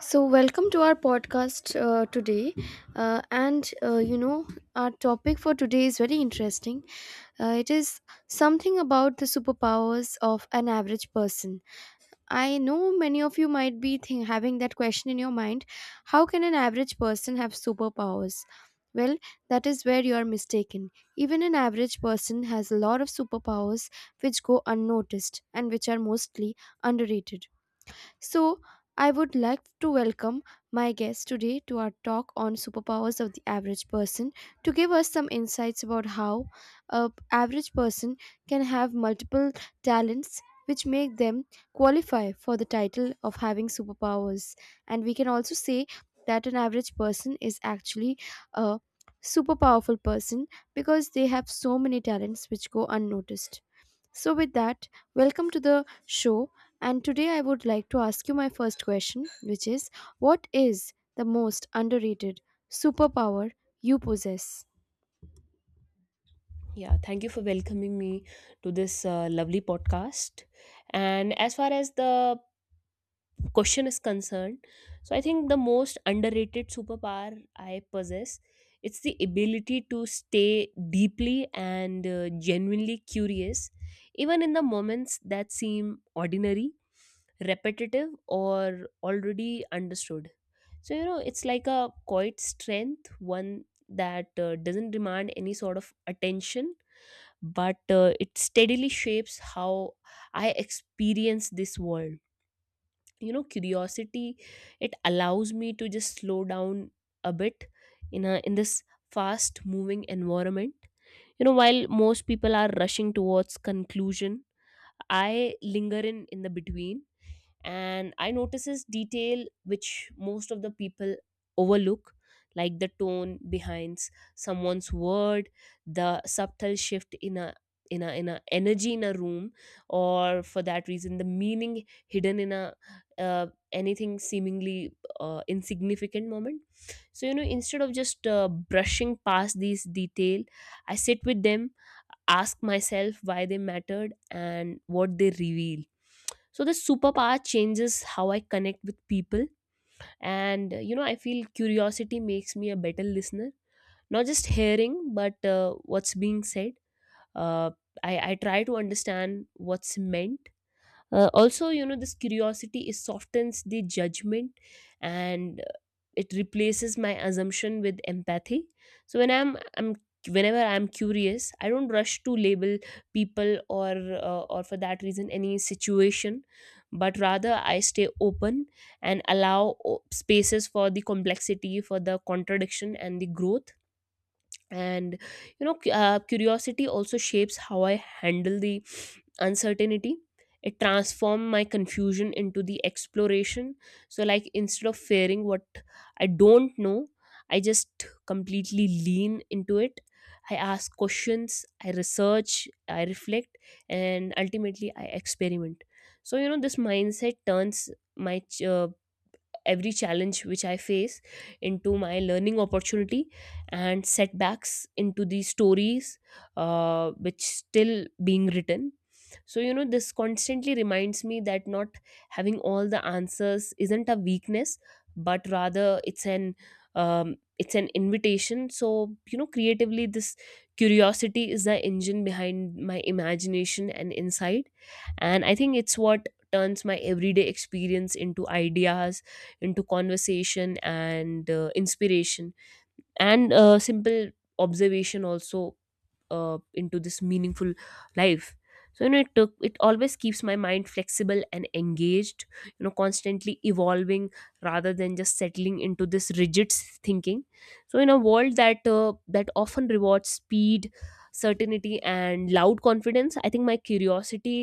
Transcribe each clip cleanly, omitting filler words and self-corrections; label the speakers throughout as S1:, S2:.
S1: Welcome to our podcast today. Uh, and uh, you know, our topic for today is very interesting. It is something about the superpowers of an average person. I know many of you might be having that question in your mind, how can an average person have superpowers? Well, that is where you are mistaken. Even an average person has a lot of superpowers which go unnoticed and which are mostly underrated. So, I would like to welcome my guest today to our talk on superpowers of the average person, to give us some insights about how a average person can have multiple talents which make them qualify for the title of having superpowers, and we can also say that an average person is actually a super powerful person, because they have so many talents which go unnoticed. So, with that, welcome to the show. And today I would like to ask you my first question, which is, what is the most underrated superpower you possess?
S2: Yeah, thank you for welcoming me to this lovely podcast. And as far as the question is concerned, I think the most underrated superpower I possess, it's the ability to stay deeply and genuinely curious even in the moments that seem ordinary, repetitive or already understood. So you know, it's like a quiet strength, one that doesn't demand any sort of attention but it steadily shapes how I experience this world. You know, curiosity, it allows me to just slow down a bit in this fast moving environment. You know, while most people are rushing towards conclusion, I linger in the between and I notices detail which most of the people overlook, like the tone behind someone's word, the subtle shift in a energy in a room, or for that reason the meaning hidden in a, uh, anything seemingly insignificant moment. So you know, instead of just brushing past these detail, I sit with them, ask myself why they mattered and what they reveal. So this superpower changes how I connect with people, and you know, I feel curiosity makes me a better listener, not just hearing but what's being said. uh, I try to understand what's meant. Also, you know, this curiosity is softens the judgment, and it replaces my assumption with empathy. So when I'm whenever I'm curious, I don't rush to label people or for that reason any situation, but rather I stay open and allow spaces for the complexity, for the contradiction and the growth. And you know, curiosity also shapes how I handle the uncertainty. It transforms my confusion into the exploration. So like, instead of fearing what I don't know, I just completely lean into it. I ask questions, I research, I reflect, and ultimately I experiment. So you know, this mindset turns my ch- uh, every challenge which I face into my learning opportunity, and setbacks into these stories which still being written. So, you know, this constantly reminds me that not having all the answers isn't a weakness, but rather it's an, it's an invitation. So, you know, creatively, this curiosity is the engine behind my imagination and insight. And I think it's what turns my everyday experience into ideas, into conversation and inspiration, and simple observation also into this meaningful life. So you know, it always keeps my mind flexible and engaged, you know, constantly evolving, rather than just settling into this rigid thinking. So in a world that often rewards speed, certainty and loud confidence, I think my curiosity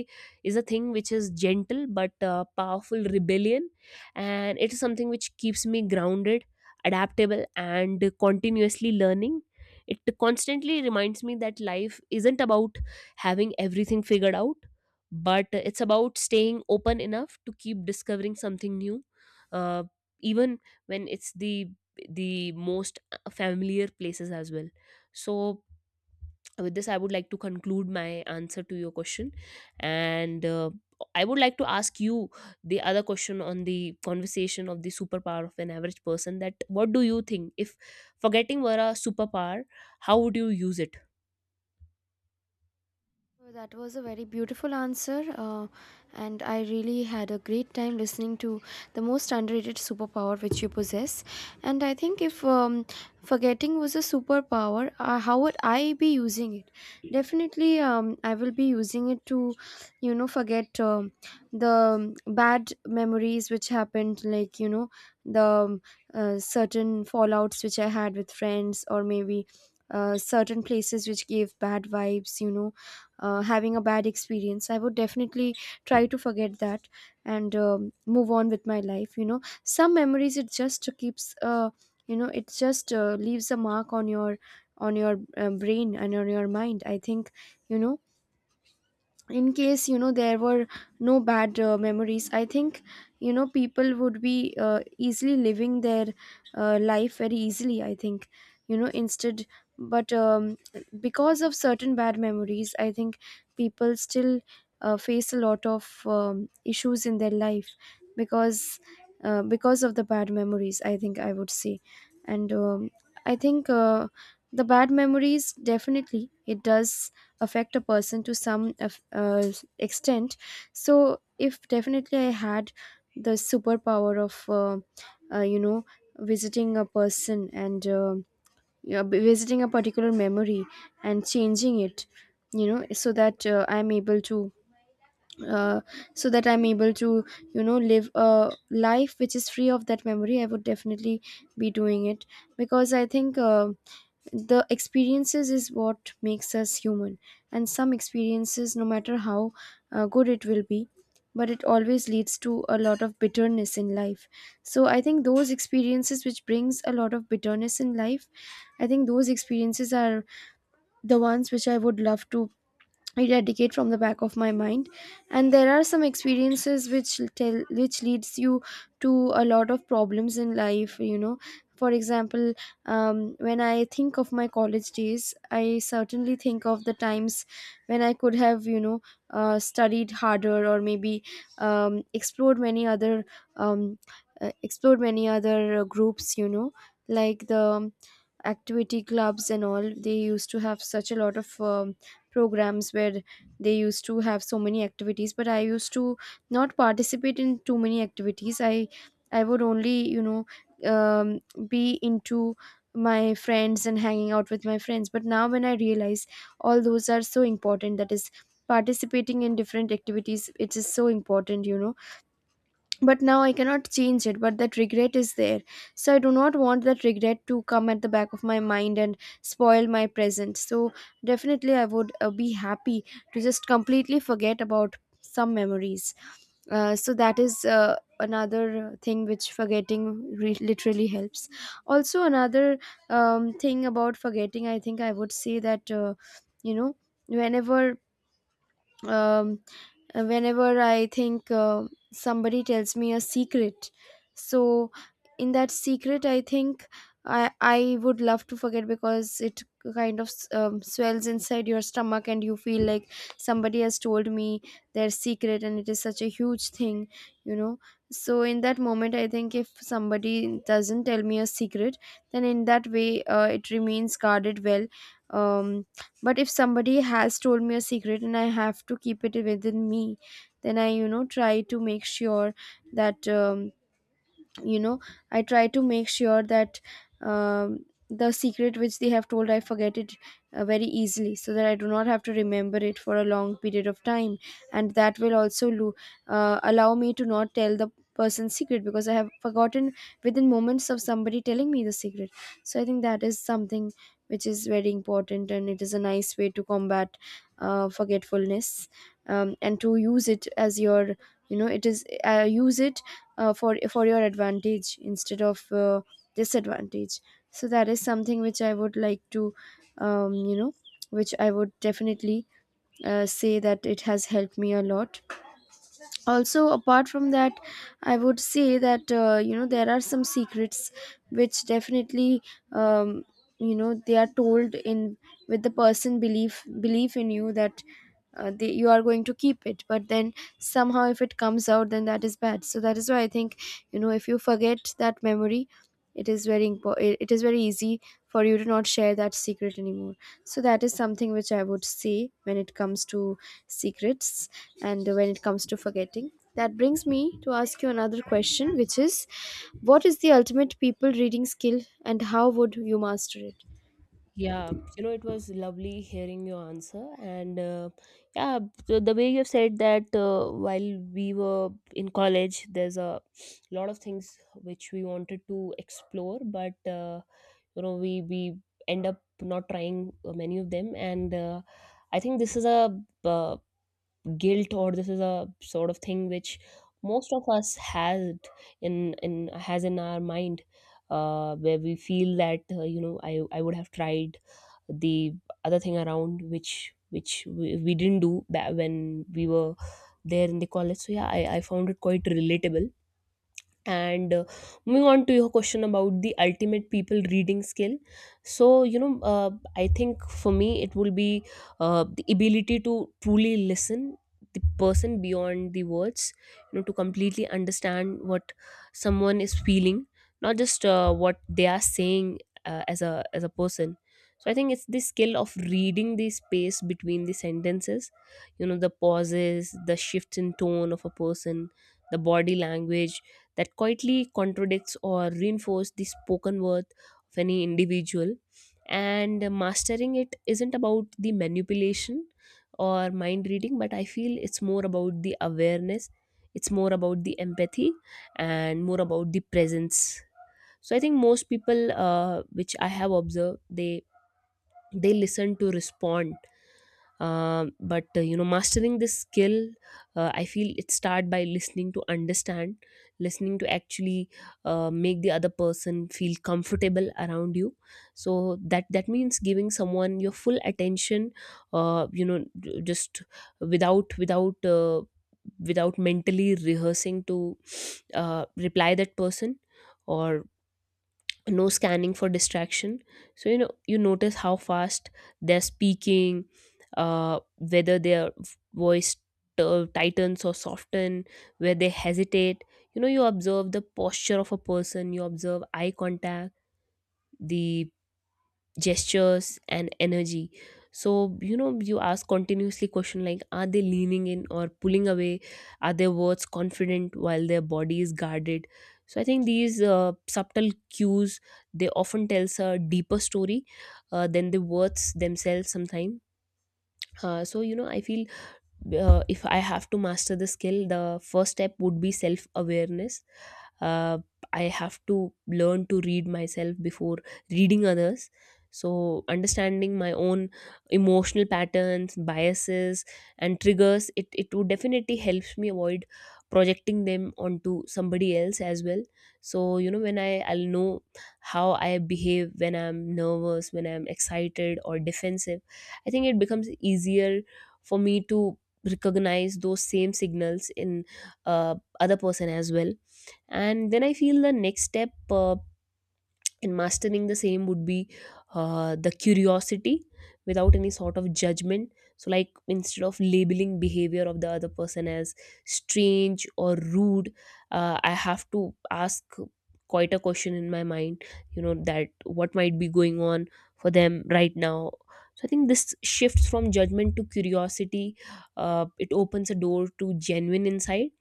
S2: is a thing which is gentle but powerful rebellion, and it is something which keeps me grounded, adaptable and continuously learning. It constantly reminds me that life isn't about having everything figured out, but it's about staying open enough to keep discovering something new, uh, even when it's the most familiar places as well. So with this, I would like to conclude my answer to your question, and I would like to ask you the other question on the conversation of the superpower of an average person, that what do you think if forgetting were a superpower, how would you use it?
S1: Oh, that was a very beautiful answer, and I really had a great time listening to the most underrated superpower which you possess. And I think if forgetting was a superpower, how would I be using it? Definitely, I will be using it to, forget the bad memories which happened, like the certain fallouts which I had with friends, or maybe certain places which gave bad vibes, you know, having a bad experience, I would definitely try to forget that and move on with my life. You know, some memories, it just keeps you know it just leaves a mark on your on your brain and on your mind, I think. You know, in case you know there were no bad memories, I think, you know, people would be easily living their life very easily, I think, you know, instead. But because of certain bad memories, I think, people still face a lot of issues in their life, because because of the bad memories, I think, I would say. And I think, the bad memories definitely, it does affect a person to some extent. So if definitely I had the superpower of you know, visiting a person and visiting a particular memory and changing it, you know, so that I'm able to uh, so that I'm able to, you know, live a life which is free of that memory, I would definitely be doing it. Because I think, the experiences is what makes us human, and some experiences, no matter how good it will be, but it always leads to a lot of bitterness in life. So I think those experiences which brings a lot of bitterness in life, I think those experiences are the ones which I would love to eradicate from the back of my mind. And there are some experiences which tell which leads you to a lot of problems in life, you know, for example, when I think of my college days, I certainly think of the times when I could have, you know, studied harder, or maybe um, explored many other um, explored many other groups, you know, like the activity clubs and all. They used to have such a lot of programs where they used to have so many activities, but I used to not participate in too many activities. I would only, you know, um, be into my friends and hanging out with my friends. But now when I realize, all those are so important, that is, participating in different activities, it is so important, you know. But now I cannot change it, but that regret is there. So I do not want that regret to come at the back of my mind and spoil my present. So definitely I would be happy to just completely forget about some memories. So that is another thing which forgetting literally helps. Also, another thing about forgetting, I think I would say that, you know, whenever um, whenever I think somebody tells me a secret. So, in that secret, I think I would love to forget, because it kind of swells inside your stomach and you feel like somebody has told me their secret and it is such a huge thing, you know. So, in that moment, I think if somebody doesn't tell me a secret, then in that way, it remains guarded well. Um, but if somebody has told me a secret and I have to keep it within me, then I, you know, try to make sure that you know I try to make sure that the secret which they have told, I forget it very easily, so that I do not have to remember it for a long period of time. And that will also allow me to not tell the person's secret because I have forgotten within moments of somebody telling me the secret. So I think that is something which is very important and it is a nice way to combat forgetfulness, and to use it as your, you know, it is use it for your advantage instead of disadvantage. So that is something which I would like to um, you know which I would definitely say that it has helped me a lot. Also, apart from that, I would say that, you know, there are some secrets which definitely, um, you know, they are told in with the person belief in you that you are going to keep it, but then somehow if it comes out, then that is bad. So that is why I think, you know, if you forget that memory, it is very it is very easy for you to not share that secret anymore. So that is something which I would say when it comes to secrets. And when it comes to forgetting, that brings me to ask you another question, which is, what is the ultimate people reading skill and how would you master it?
S2: Yeah, you know, it was lovely hearing your answer. And yeah, the way you've said that while we were in college, there's a lot of things which we wanted to explore, but you know, we end up not trying many of them. And I think this is a uh, guilt, or this is a sort of thing which most of us has in in has in our mind, where we feel that you know, I would have tried the other thing around which we didn't do back when we were there in the college. So yeah, I found it quite relatable, and moving on to your question about the ultimate people reading skill. So you know, I think for me it will be the ability to truly listen the person beyond the words, you know, to completely understand what someone is feeling, not just what they are saying as a person. So I think it's the skill of reading the space between the sentences, you know, the pauses, the shifts in tone of a person, the body language that quietly contradicts or reinforces the spoken word of any individual. And mastering it isn't about the manipulation or mind reading, but I feel it's more about the awareness, it's more about the empathy, and more about the presence. So I think most people, which I have observed, they listen to respond. But you know, mastering this skill, I feel it start by listening to understand, listening to actually make the other person feel comfortable around you. So that that means giving someone your full attention, you know, just without without uh, without mentally rehearsing to reply that person, or no scanning for distraction. So you know, you notice how fast they're speaking, whether their voice tightens or soften, where they hesitate. You know, you observe the posture of a person, you observe eye contact, the gestures and energy. So you know, you ask continuously question like, are they leaning in or pulling away? Are their words confident while their body is guarded? So I think these subtle cues, they often tells a deeper story than the words themselves sometimes. So you know, I feel if I have to master the skill, the first step would be self awareness. uh, I have to learn to read myself before reading others. So understanding my own emotional patterns, biases and triggers, it would definitely helps me avoid projecting them onto somebody else as well. So you know, when i'll know how I behave when I'm nervous, when I'm excited or defensive, I think it becomes easier for me to recognize those same signals in other person as well. And then I feel the next step, and mastering the same would be the curiosity without any sort of judgment. So like, instead of labeling behavior of the other person as strange or rude, I have to ask quite a question in my mind, you know, that what might be going on for them right now. So I think this shifts from judgment to curiosity, it opens a door to genuine insight.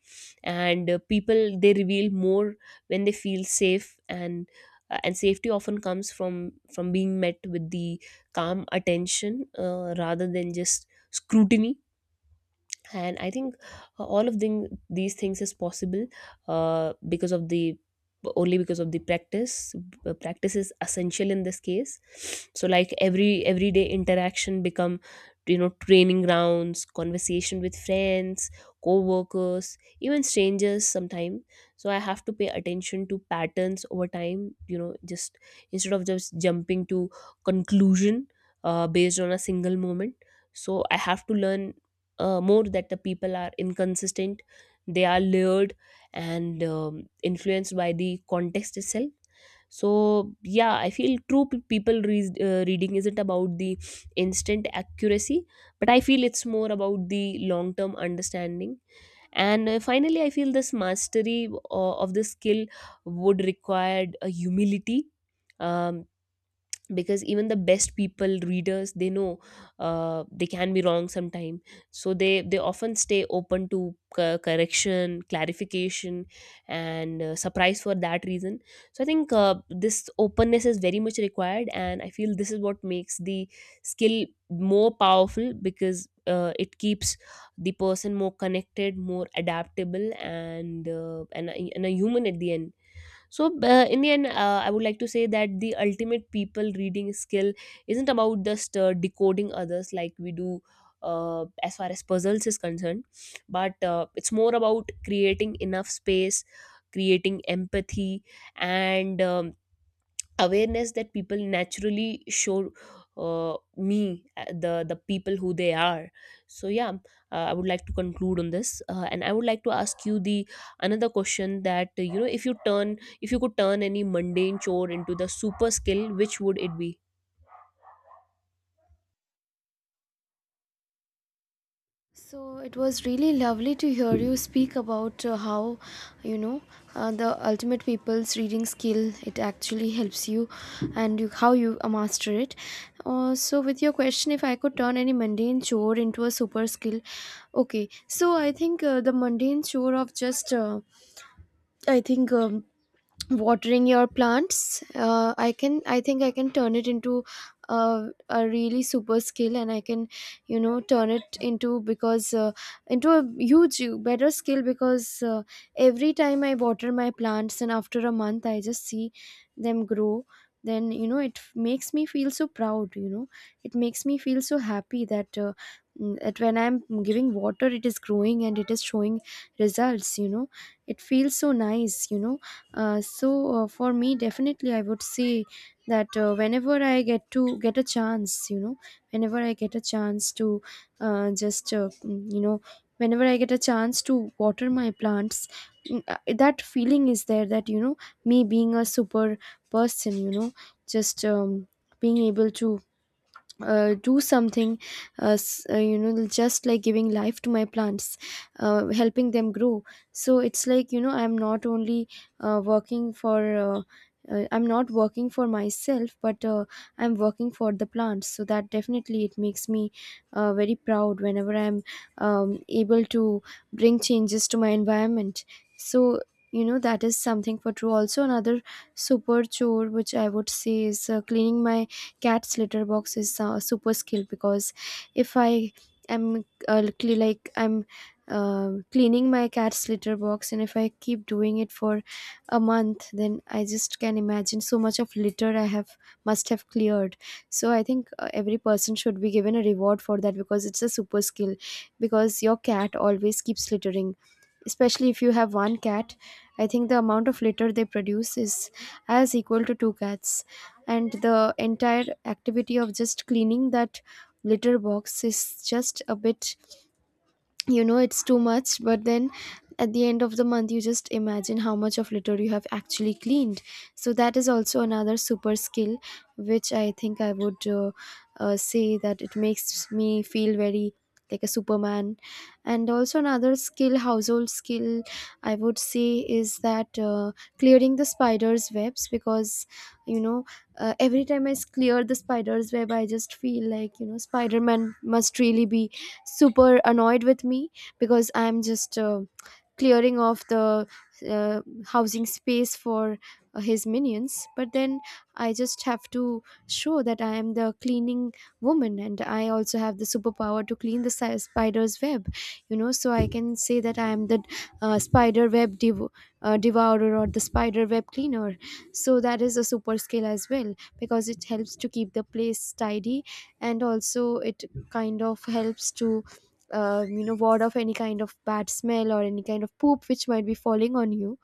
S2: And people, they reveal more when they feel safe, and safety often comes from being met with the calm attention, rather than just scrutiny. And I think all of thing, these things is possible because of the, only because of the practice. Practice is essential in this case. So like, everyday interaction become, you know, training grounds, conversation with friends, co-workers, even strangers sometime. So I have to pay attention to patterns over time, you know, just instead of just jumping to conclusion based on a single moment. So I have to learn more that the people are inconsistent, they are lured and influenced by the context itself. So yeah, I feel true reading isn't about the instant accuracy, but I feel it's more about the long term understanding. And finally, I feel this mastery of the skill would require a humility, um, because even the best people readers, they know they can be wrong sometime. So they often stay open to correction, clarification and surprise for that reason. So I think this openness is very much required, and I feel this is what makes the skill more powerful, because it keeps the person more connected, more adaptable and and a human at the end. So in the end, I would like to say that the ultimate people reading skill isn't about just decoding others like we do as far as puzzles is concerned, but it's more about creating enough space, creating empathy and awareness that people naturally show me the people who they are. So yeah, I would like to conclude on this, and I would like to ask you the another question that you know, if you could turn any mundane chore into the super skill, which would it be?
S1: So it was really lovely to hear you speak about how, you know, the ultimate people's reading skill, it actually helps you, and you, how you master it. So with your question, if I could turn any mundane chore into a super skill, okay. So I think the mundane chore of just I think watering your plants, I think I can turn it into a really super skill, and I can, you know, turn it into because into a huge better skill, because every time I water my plants and after a month, I just see them grow, then, you know, it makes me feel so proud, you know. It makes me feel so happy that, that when I'm giving water, it is growing and it is showing results, you know. It feels so nice, you know. For me, definitely, I would say that whenever I get to get a chance, you know, whenever I get a chance to you know, whenever I get a chance to water my plants, that feeling is there, that, you know, me being a super person, you know, just being able to do something you know, just like giving life to my plants, helping them grow. So it's like, you know, I'm not only working for I'm not working for myself, but I'm working for the plants. So that definitely, it makes me very proud whenever I'm able to bring changes to my environment. So, you know, that is something for true. Also another super chore which I would say is cleaning my cat's litter box is super skill. Because if like I'm cleaning my cat's litter box and if I keep doing it for a month, then I just can imagine so much of litter I have must have cleared. So I think, every person should be given a reward for that, because it's a super skill. Because your cat always keeps littering, especially if you have one cat, I think the amount of litter they produce is as equal to two cats. And the entire activity of just cleaning that litter box is just a bit, you know, it's too much. But then at the end of the month, you just imagine how much of litter you have actually cleaned. So that is also another super skill, which I think I would Say that it makes me feel very like a superman. And also another skill, household skill I would say is that clearing the spider's webs because you know every time I clear the spider's web, I just feel like, you know, Spider-Man must really be super annoyed with me because I'm just clearing off the uh, housing space for his minions. But then I just have to show that I am the cleaning woman and I also have the superpower to clean the spider's web. You know, so I can say that I am the spider web devourer or the spider web cleaner. So that is a super skill as well because it helps to keep the place tidy, and also it kind of helps to ward off any kind of bad smell or any kind of poop which might be falling on you.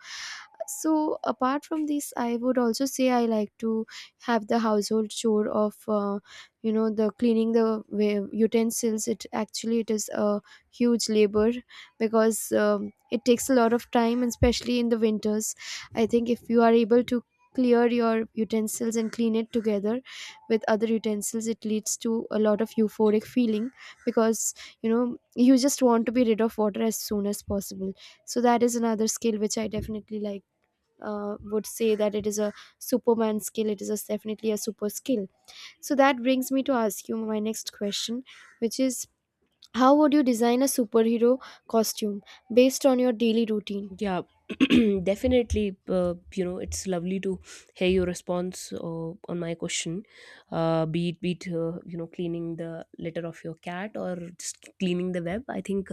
S1: So apart from this, I would also say I like to have the household chore of the cleaning the utensils. It actually, it is a huge labor because it takes a lot of time, and especially in the winters, I think if you are able to clear your utensils and clean it together with other utensils, it leads to a lot of euphoric feeling because, you know, you just want to be rid of water as soon as possible. So that is another skill which I definitely like, would say that it is a superman skill. It is a, definitely a super skill. So that brings me to ask you my next question, which is how would you design a superhero costume based on your daily routine?
S2: Yeah. Definitely you know, it's lovely to hear your response on my question. Be it you know, cleaning the litter of your cat or just cleaning the web, I think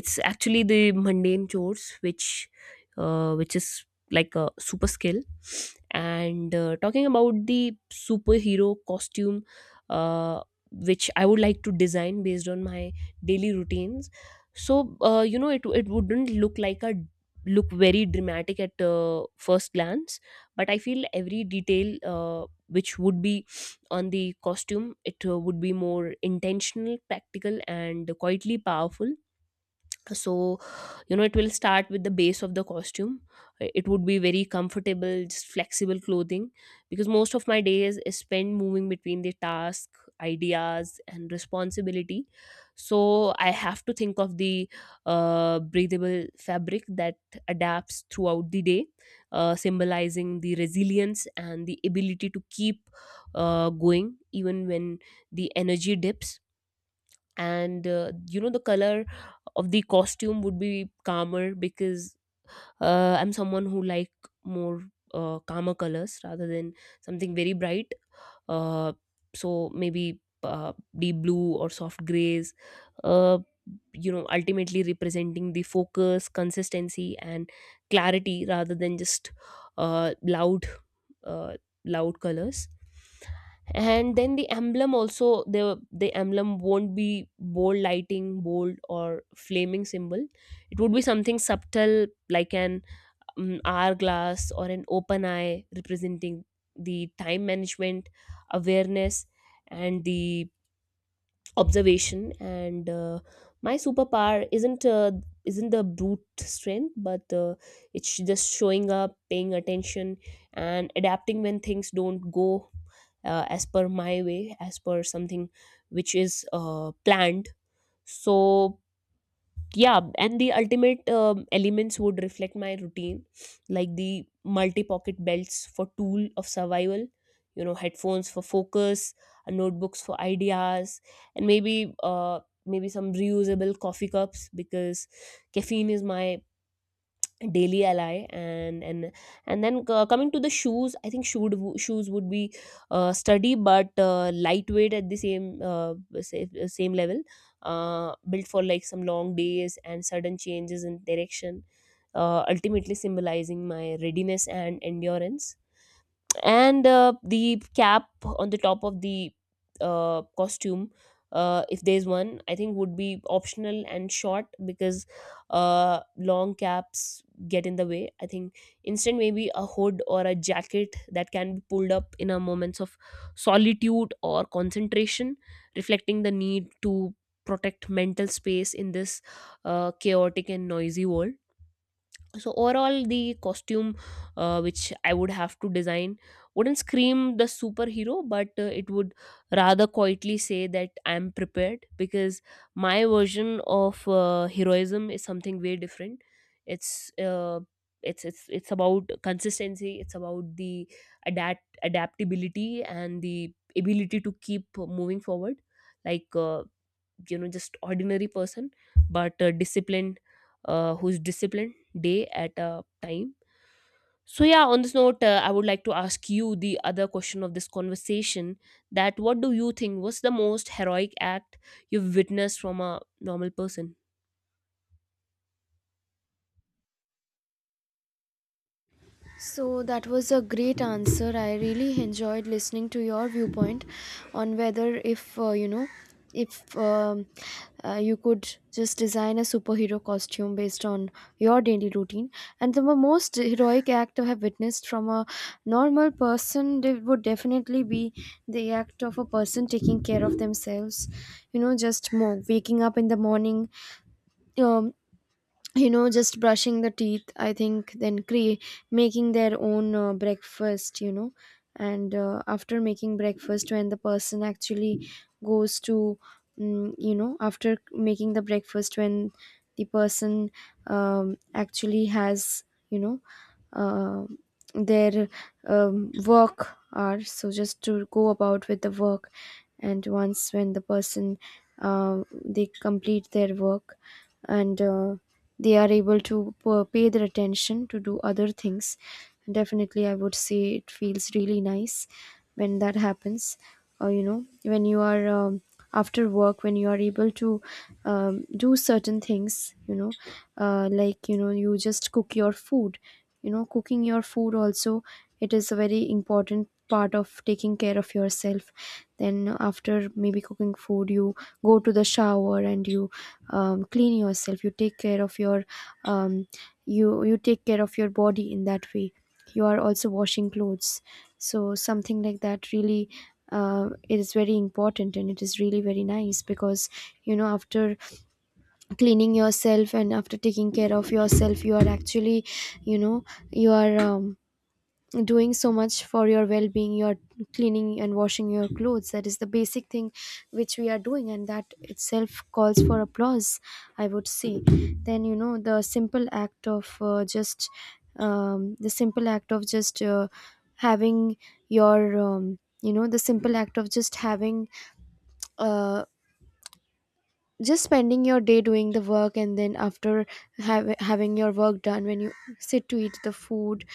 S2: it's actually the mundane chores which is like a super skill. And talking about the superhero costume, uh, which I would like to design based on my daily routines. So it wouldn't look like a look very dramatic at first glance, but I feel every detail which would be on the costume, it would be more intentional, practical, and quietly powerful. So you know it will start with the base of the costume. It would be very comfortable, just flexible clothing, because most of my days is spent moving between the task, ideas, and responsibility. So I have to think of the breathable fabric that adapts throughout the day, symbolizing the resilience and the ability to keep going even when the energy dips. And you know, the color of the costume would be calmer, because I'm someone who like more calmer colors rather than something very bright. Uh, so maybe deep blue or soft grays. Uh, you know, ultimately representing the focus, consistency, and clarity rather than just uh, loud, uh, loud colors. And then the emblem, also the emblem won't be bold lighting, bold or flaming symbol. It would be something subtle, like an hourglass or an open eye, representing the time management, awareness, and the observation. And my superpower isn't the brute strength, but it's just showing up, paying attention, and adapting when things don't go as per my way, as per something which is planned. So yeah, and the ultimate elements would reflect my routine, like the multi pocket belts for tool of survival, you know, headphones for focus, notebooks for ideas, and maybe some reusable coffee cups, because caffeine is my daily ally. And then coming to the shoes, I think shoes would be sturdy but lightweight at the same same level, built for like some long days and sudden changes in direction, ultimately symbolizing my readiness and endurance. And the cap on the top of the costume, if there's one, I think would be optional and short, because long caps get in the way, I think. Instead, maybe a hood or a jacket that can be pulled up in a moments of solitude or concentration, reflecting the need to protect mental space in this chaotic and noisy world. So overall, the costume which I would have to design wouldn't scream the superhero, but it would rather quietly say that I'm prepared. Because my version of heroism is something way different. It's uh, it's it's it's about consistency, it's about the adaptability and the ability to keep moving forward, like you know, just ordinary person, but disciplined who's disciplined, day at a time. So yeah, on this note, I would like to ask you the other question of this conversation, that what do you think was the most heroic act you've witnessed from a normal person?
S1: So that was a great answer. I really enjoyed listening to your viewpoint on whether if if you could just design a superhero costume based on your daily routine. And the most heroic act I have witnessed from a normal person would definitely be the act of a person taking care of themselves. You know, just more waking up in the morning, um, you know, just brushing the teeth, I think, then making their own breakfast, you know. And after making breakfast when the person actually goes to, you know, after making the breakfast when the person actually has, you know, uh, their work are, so just to go about with the work. And once when the person they complete their work and they are able to pay their attention to do other things, definitely I would say it feels really nice when that happens. Or you know, when you are after work when you are able to do certain things, you know, like, you know, you just cook your food. You know, cooking your food also, it is a very important part of taking care of yourself. Then after maybe cooking food, you go to the shower and you clean yourself, you take care of your um, you you take care of your body in that way. You are also washing clothes. So something like that, really, it is very important and it is really very nice because, you know, after cleaning yourself and after taking care of yourself, you are actually, you know, you are doing so much for your well-being. You're cleaning and washing your clothes. That is the basic thing which we are doing, and that itself calls for applause, I would say. Then, you know, the simple act of just the simple act of just having your the simple act of just having uh, just spending your day doing the work, and then after having your work done, when you sit to eat the food,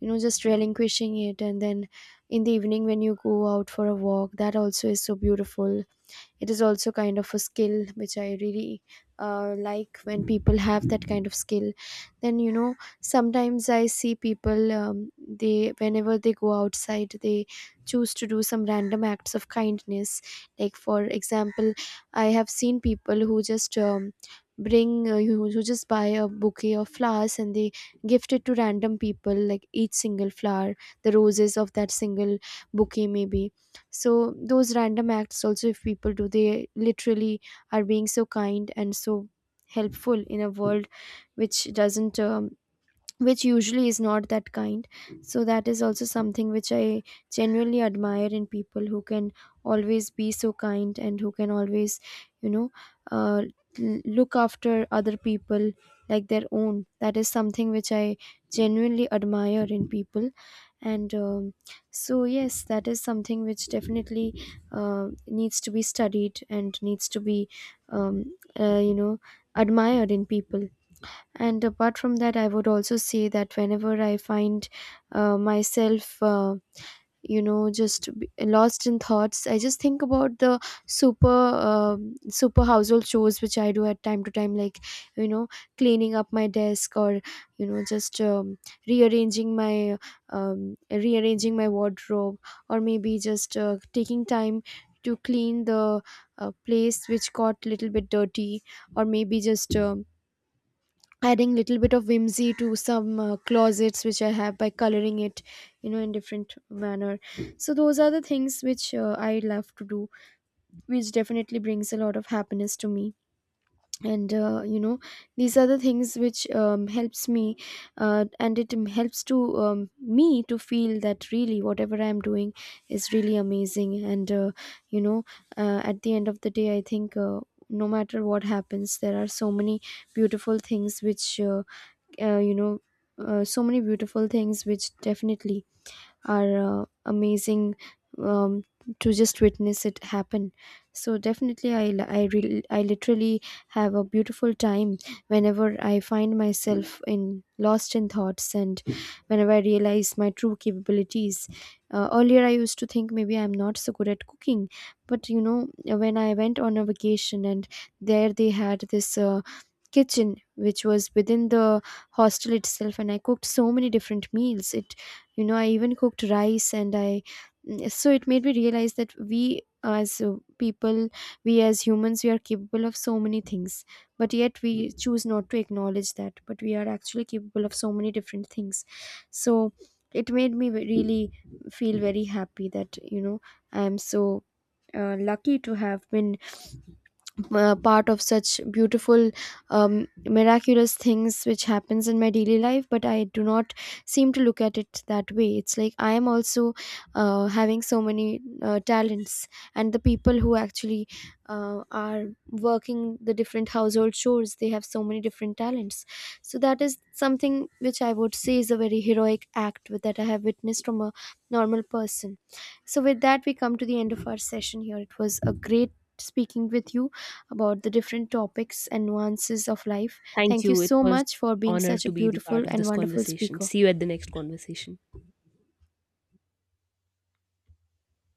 S1: you know, just relinquishing it, and then in the evening when you go out for a walk, that also is so beautiful. It is also kind of a skill which I really like when people have that kind of skill. Then, you know, sometimes I see people, they, whenever they go outside, they choose to do some random acts of kindness. Like for example, I have seen people who just bring who just buy a bouquet of flowers and they gift it to random people, like each single flower, the roses of that single bouquet maybe. So those random acts also, if people do, they literally are being so kind and so helpful in a world which doesn't which usually is not that kind. So that is also something which I genuinely admire in people who can always be so kind and who can always, you know, uh, look after other people like their own. That is something which I genuinely admire in people. And so, yes, that is something which definitely needs to be studied and needs to be, you know, admired in people. And apart from that, I would also say that whenever I find myself, you know, just lost in thoughts, I just think about the super household chores which I do at time to time, like, you know, cleaning up my desk, or you know, just rearranging my rearranging my wardrobe, or maybe just taking time to clean the place which got little bit dirty, or maybe just. Adding little bit of whimsy to some closets which I have by coloring it, you know, in different manner. So those are the things which I love to do, which definitely brings a lot of happiness to me. And, you know, these are the things which helps me and it helps to me to feel that really whatever I am doing is really amazing. And you know at the end of the day, I think, no matter what happens, there are so many beautiful things which uh, you know so many beautiful things which definitely are amazing um, to just witness it happen. So definitely I I literally have a beautiful time whenever I find myself in lost in thoughts, and whenever I realize my true capabilities. Earlier I used to think maybe I'm not so good at cooking, but you know, when I went on a vacation, and there they had this kitchen which was within the hostel itself, and I cooked so many different meals. It, you know, I even cooked rice and I, so it made me realize that we, as people, we as humans, we are capable of so many things, but yet we choose not to acknowledge that. But we are actually capable of so many different things. So it made me really feel very happy that, you know, I am so lucky to have been part of such beautiful miraculous things which happens in my daily life, but I do not seem to look at it that way. It's like I am also having so many talents. And the people who actually are working the different household chores, they have so many different talents. So that is something which I would say is a very heroic act that I have witnessed from a normal person. So, with that, we come to the end of our session here. It was a great speaking with you about the different topics and nuances of life.
S2: Thank
S1: Thank you
S2: you, it
S1: so
S2: was
S1: much for being
S2: honor
S1: such
S2: to
S1: a
S2: be the part
S1: beautiful
S2: of
S1: and
S2: this
S1: wonderful
S2: conversation.
S1: speaker.
S2: See you at the next conversation.